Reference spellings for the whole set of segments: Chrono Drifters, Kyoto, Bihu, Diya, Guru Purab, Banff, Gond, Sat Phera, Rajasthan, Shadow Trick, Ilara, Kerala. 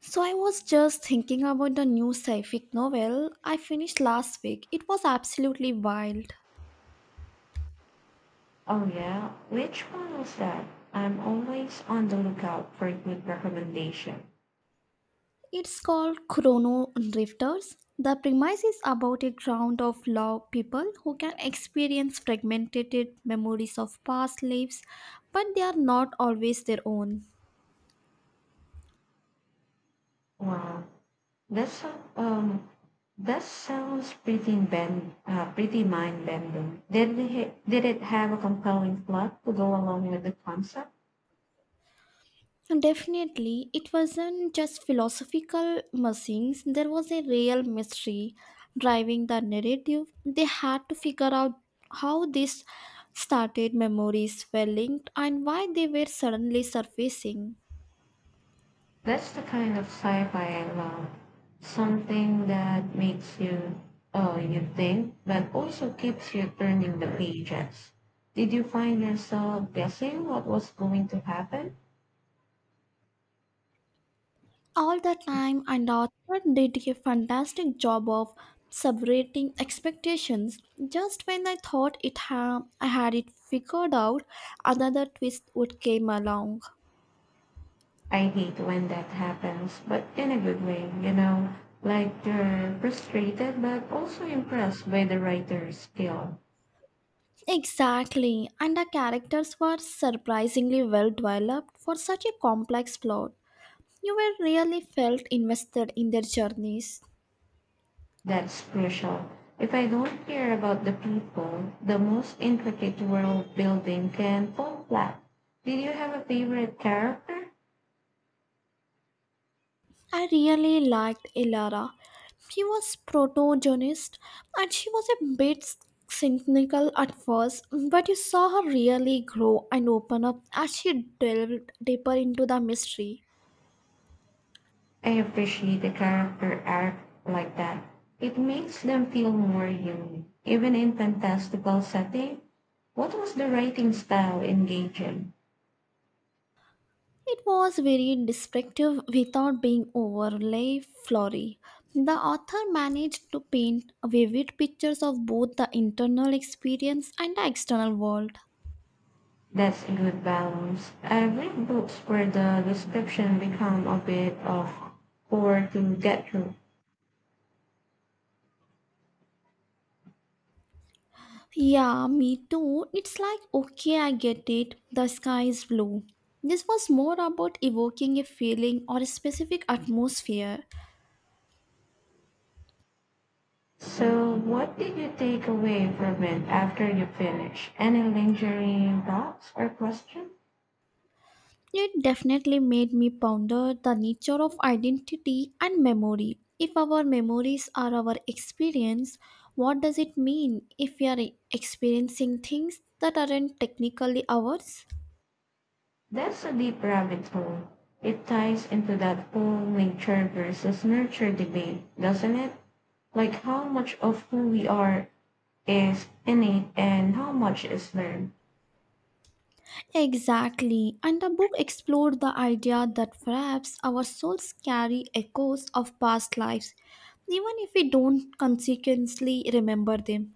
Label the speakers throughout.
Speaker 1: So I was just thinking about the new sci-fic novel I finished last week. It was absolutely wild.
Speaker 2: "Oh, yeah? Which one was that? I'm always on the lookout for a good recommendation."
Speaker 1: It's called Chrono Drifters. The premise is about a ground of law people who can experience fragmented memories of past lives, but they are not always their own.
Speaker 2: Wow, that's um that sounds pretty mind bending. Did it have a compelling plot to go along with the concept?
Speaker 1: Definitely, it wasn't just philosophical musings, there was a real mystery driving the narrative. They had to figure out how this started, memories were linked, and why they were suddenly surfacing.
Speaker 2: That's the kind of sci-fi I love. Something that makes you oh, you think, but also keeps you turning the pages. Did you find yourself guessing what was going to happen?
Speaker 1: All the time, and author did a fantastic job of subverting expectations. Just when I thought I had it figured out, another twist would came along.
Speaker 2: I hate when that happens, but in a good way, like they're frustrated but also impressed by the writer's skill.
Speaker 1: Exactly, and the characters were surprisingly well developed for such a complex plot. You were really felt invested in their journeys.
Speaker 2: That's crucial. If I don't care about the people, the most intricate world building can fall flat. Did you have a favorite character?
Speaker 1: I really liked Ilara. She was protagonist and she was a bit cynical at first, but you saw her really grow and open up as she delved deeper into the mystery.
Speaker 2: I appreciate the character arc like that. It makes them feel more human, even in fantastical setting. What was the writing style engaging?
Speaker 1: It was very descriptive without being overly flowery. The author managed to paint vivid pictures of both the internal experience and the external world.
Speaker 2: That's a good balance. I've read books where the description become a bit of chore to get through.
Speaker 1: Yeah, me too. It's like, okay, I get it. The sky is blue. This was more about evoking a feeling or a specific atmosphere.
Speaker 2: So what did you take away from it after you finished? Any lingering thoughts or questions?
Speaker 1: It definitely made me ponder the nature of identity and memory. If our memories are our experience, what does it mean if we are experiencing things that aren't technically ours?
Speaker 2: That's a deep rabbit hole. It ties into that whole nature versus nurture debate, doesn't it? Like how much of who we are is innate and how much is learned.
Speaker 1: Exactly, and the book explored the idea that perhaps our souls carry echoes of past lives, even if we don't consequently remember them.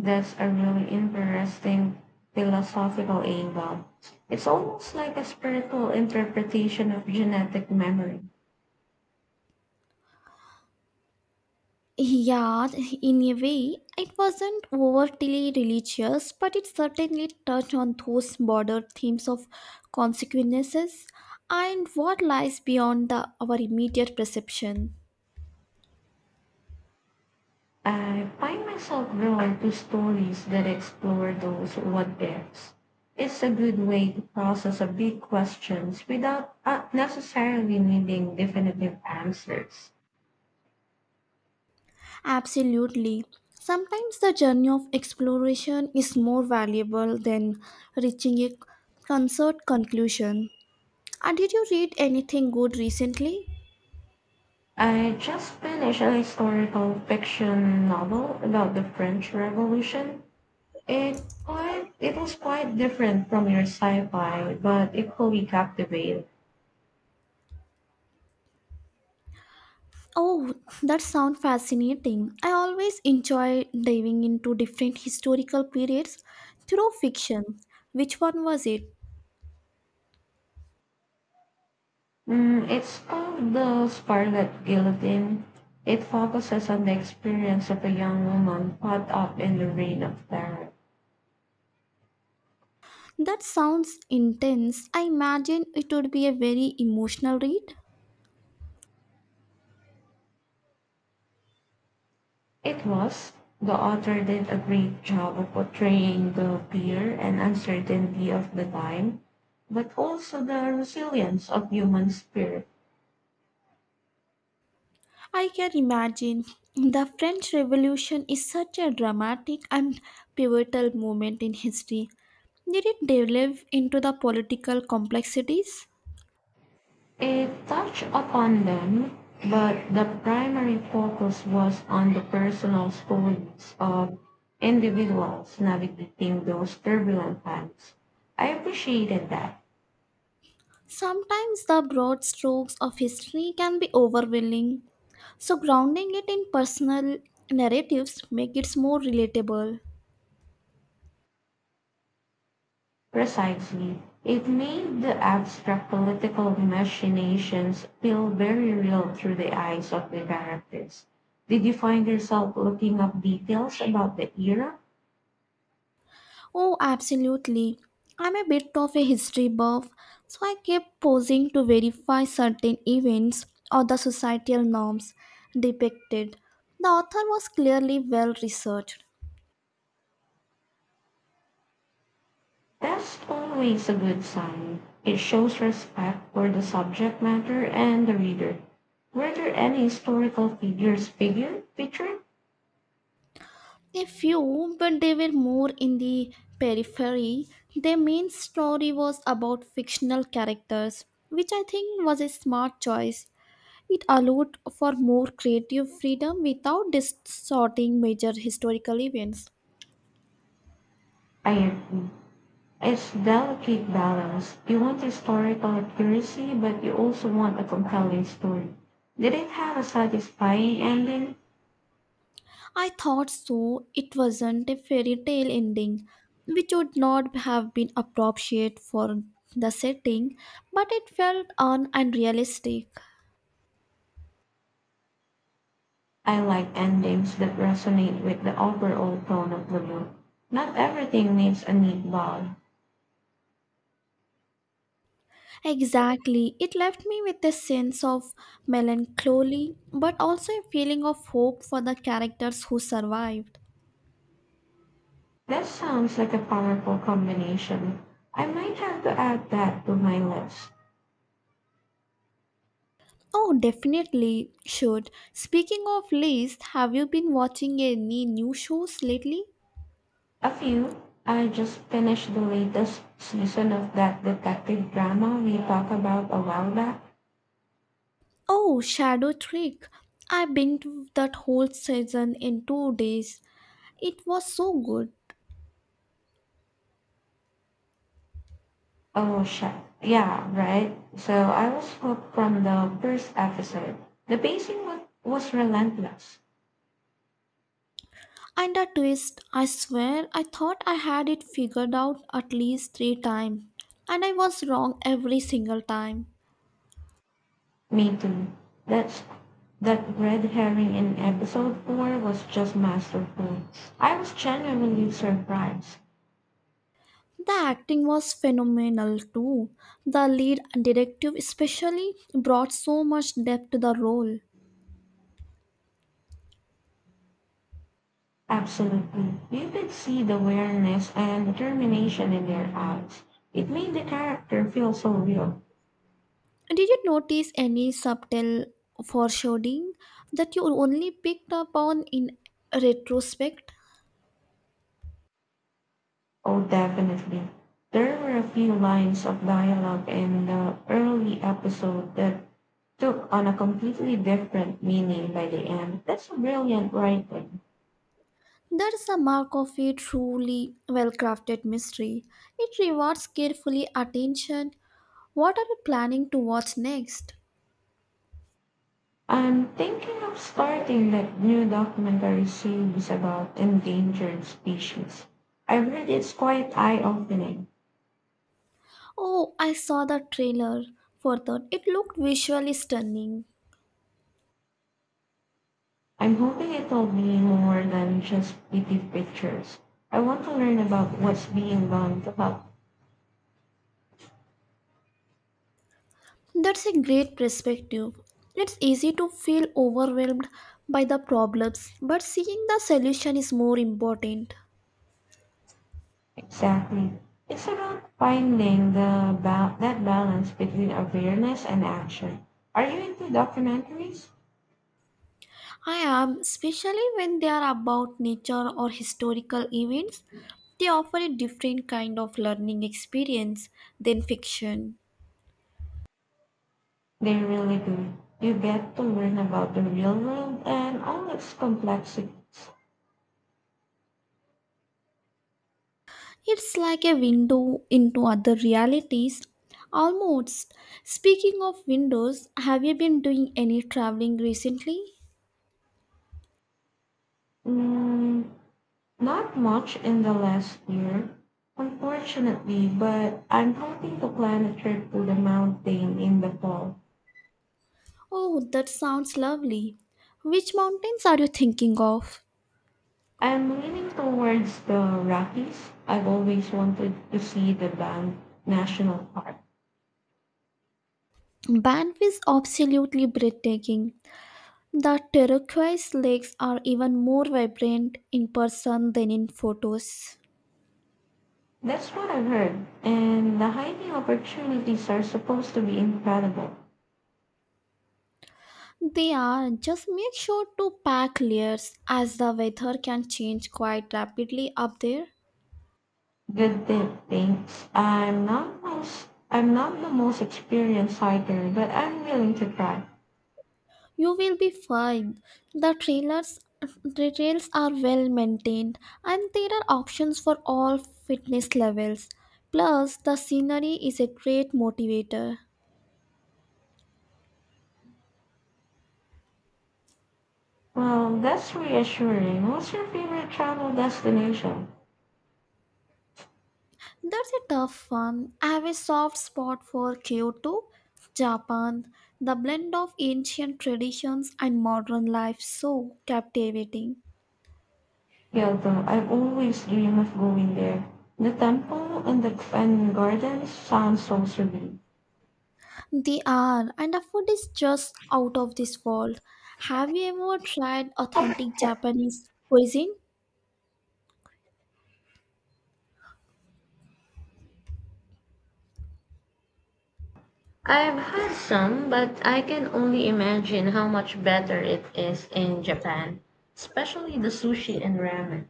Speaker 2: That's a really interesting philosophical angle. It's almost like a spiritual interpretation of genetic memory.
Speaker 1: Yeah, in a way, it wasn't overtly religious, but it certainly touched on those broader themes of consequences and what lies beyond the, our immediate perception.
Speaker 2: I find myself drawn to stories that explore those what ifs. It's a good way to process a big questions without necessarily needing definitive answers.
Speaker 1: Absolutely. Sometimes the journey of exploration is more valuable than reaching a concert conclusion. And did you read anything good recently?
Speaker 2: I just finished a historical fiction novel about the French Revolution. It was quite different from your sci-fi, but equally captivating.
Speaker 1: Oh, that sounds fascinating. I always enjoy diving into different historical periods through fiction. Which one was it?
Speaker 2: Mm, it's called The Scarlet Guillotine. It focuses on the experience of a young woman caught up in the reign of terror.
Speaker 1: That sounds intense. I imagine it would be a very emotional read.
Speaker 2: It was. The author did a great job of portraying the fear and uncertainty of the time, but also the resilience of human spirit.
Speaker 1: I can imagine. The French Revolution is such a dramatic and pivotal moment in history. Did it delve into the political complexities?
Speaker 2: It touched upon them, but the primary focus was on the personal stories of individuals navigating those turbulent times. I appreciated that.
Speaker 1: Sometimes the broad strokes of history can be overwhelming, so grounding it in personal narratives make it more relatable.
Speaker 2: Precisely, it made the abstract political machinations feel very real through the eyes of the characters. Did you find yourself looking up details about the era?
Speaker 1: Oh, absolutely. I'm a bit of a history buff, so I kept posing to verify certain events or the societal norms depicted. The author was clearly well researched.
Speaker 2: That's always a good sign. It shows respect for the subject matter and the reader. Were there any historical figures figure featured?
Speaker 1: A few, but they were more in the periphery. Their main story was about fictional characters, which I think was a smart choice. It allowed for more creative freedom without distorting major historical events.
Speaker 2: I agree. It's delicate balance. You want historical accuracy, but you also want a compelling story. Did it have a satisfying ending?
Speaker 1: I thought so, it wasn't a fairy tale ending, which would not have been appropriate for the setting, but it felt un and realistic.
Speaker 2: I like endings that resonate with the overall tone of the book. Not everything needs a neat bow.
Speaker 1: Exactly. It left me with a sense of melancholy, but also a feeling of hope for the characters who survived.
Speaker 2: That sounds like a powerful combination. I might have to add that to my list.
Speaker 1: Oh, definitely should. Speaking of list, have you been watching any new shows lately?
Speaker 2: A few. I just finished the latest season of that detective drama we talked about a while back.
Speaker 1: Oh, Shadow Trick. I binged that whole season in 2 days. It was so good.
Speaker 2: Oh, shit. Yeah, right. So I was hooked from the first episode. The pacing was relentless.
Speaker 1: And a twist, I swear, I thought I had it figured out at least 3 times. And I was wrong every single time.
Speaker 2: Me too. That's that red herring in episode 4 was just masterful. I was genuinely surprised.
Speaker 1: The acting was phenomenal too. The lead detective, especially, brought so much depth to the role.
Speaker 2: Absolutely. You could see the awareness and determination in their eyes. It made the character feel so real.
Speaker 1: Did you notice any subtle foreshadowing that you only picked up on in retrospect?
Speaker 2: Oh, definitely. There were a few lines of dialogue in the early episode that took on a completely different meaning by the end. That's a brilliant writing.
Speaker 1: That's the mark of a truly well crafted mystery. It rewards carefully attention. What are you planning to watch next?
Speaker 2: I'm thinking of starting that new documentary series about endangered species. I've heard it's quite eye-opening.
Speaker 1: Oh, I saw the trailer for that. It looked visually stunning.
Speaker 2: I'm hoping it will be more than just pretty pictures. I want to learn about what's being done to help.
Speaker 1: That's a great perspective. It's easy to feel overwhelmed by the problems, but seeing the solution is more important.
Speaker 2: Exactly. It's about finding that balance between awareness and action. Are you into documentaries?
Speaker 1: I am, especially when they are about nature or historical events, they offer a different kind of learning experience than fiction.
Speaker 2: They really do. You get to learn about the real world and all its complexities.
Speaker 1: It's like a window into other realities. Almost. Speaking of windows, have you been doing any traveling recently?
Speaker 2: Mm, not much in the last year, unfortunately, but I'm hoping to plan a trip to the mountain in the fall.
Speaker 1: Oh, that sounds lovely. Which mountains are you thinking of?
Speaker 2: I'm leaning towards the Rockies. I've always wanted to see the Banff National Park.
Speaker 1: Banff is absolutely breathtaking. The turquoise lakes are even more vibrant in person than in photos.
Speaker 2: That's what I've heard. And the hiking opportunities are supposed to be incredible.
Speaker 1: They are. Just make sure to pack layers as the weather can change quite rapidly up there.
Speaker 2: Good tip, thanks. I'm not the most experienced hiker, but I'm willing to try.
Speaker 1: You will be fine. The trailers the trails are well maintained and there are options for all fitness levels. Plus, the scenery is a great motivator.
Speaker 2: Well, that's reassuring. What's your favorite travel destination?
Speaker 1: That's a tough one. I have a soft spot for Kyoto, Japan. The blend of ancient traditions and modern life so captivating.
Speaker 2: Kyoto. I've always dreamed of going there. The temple and the and gardens sound so serene.
Speaker 1: They are, and the food is just out of this world. Have you ever tried authentic Japanese cuisine?
Speaker 2: I've had some, but I can only imagine how much better it is in Japan, especially the sushi and ramen.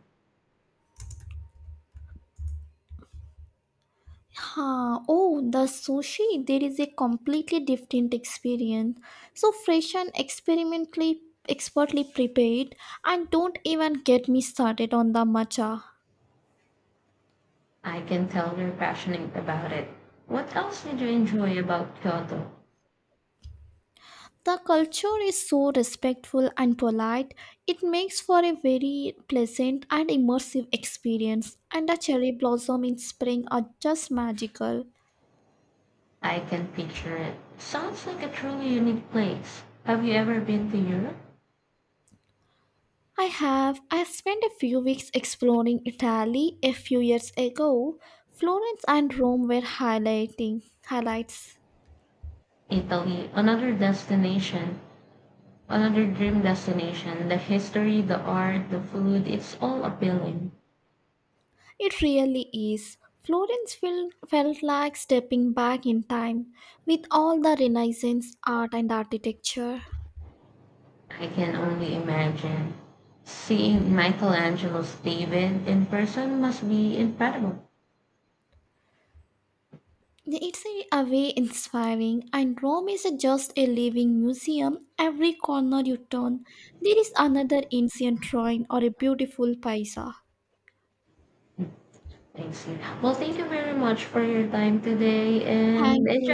Speaker 1: Huh. Oh, the sushi, there is a completely different experience. So fresh and experimentally expertly prepared, and don't even get me started on the matcha.
Speaker 2: I can tell you're passionate about it. What else did you enjoy about Kyoto?
Speaker 1: The culture is so respectful and polite. It makes for a very pleasant and immersive experience and the cherry blossom in spring are just magical.
Speaker 2: I can picture it. Sounds like a truly unique place. Have you ever been to Europe?
Speaker 1: I have. I spent a few weeks exploring Italy a few years ago. Florence and Rome were highlighting highlights.
Speaker 2: Italy, another dream destination. The history, the art, the food, it's all appealing.
Speaker 1: It really is. Florence felt like stepping back in time with all the Renaissance art and architecture.
Speaker 2: I can only imagine. Seeing Michelangelo's David in person must be incredible.
Speaker 1: It's in a way inspiring, and Rome is just a living museum. Every corner you turn, there is another ancient ruin or a beautiful paisa.
Speaker 2: I see. Well, thank you very much for your time today and
Speaker 1: Thank
Speaker 2: enjoy.
Speaker 1: you.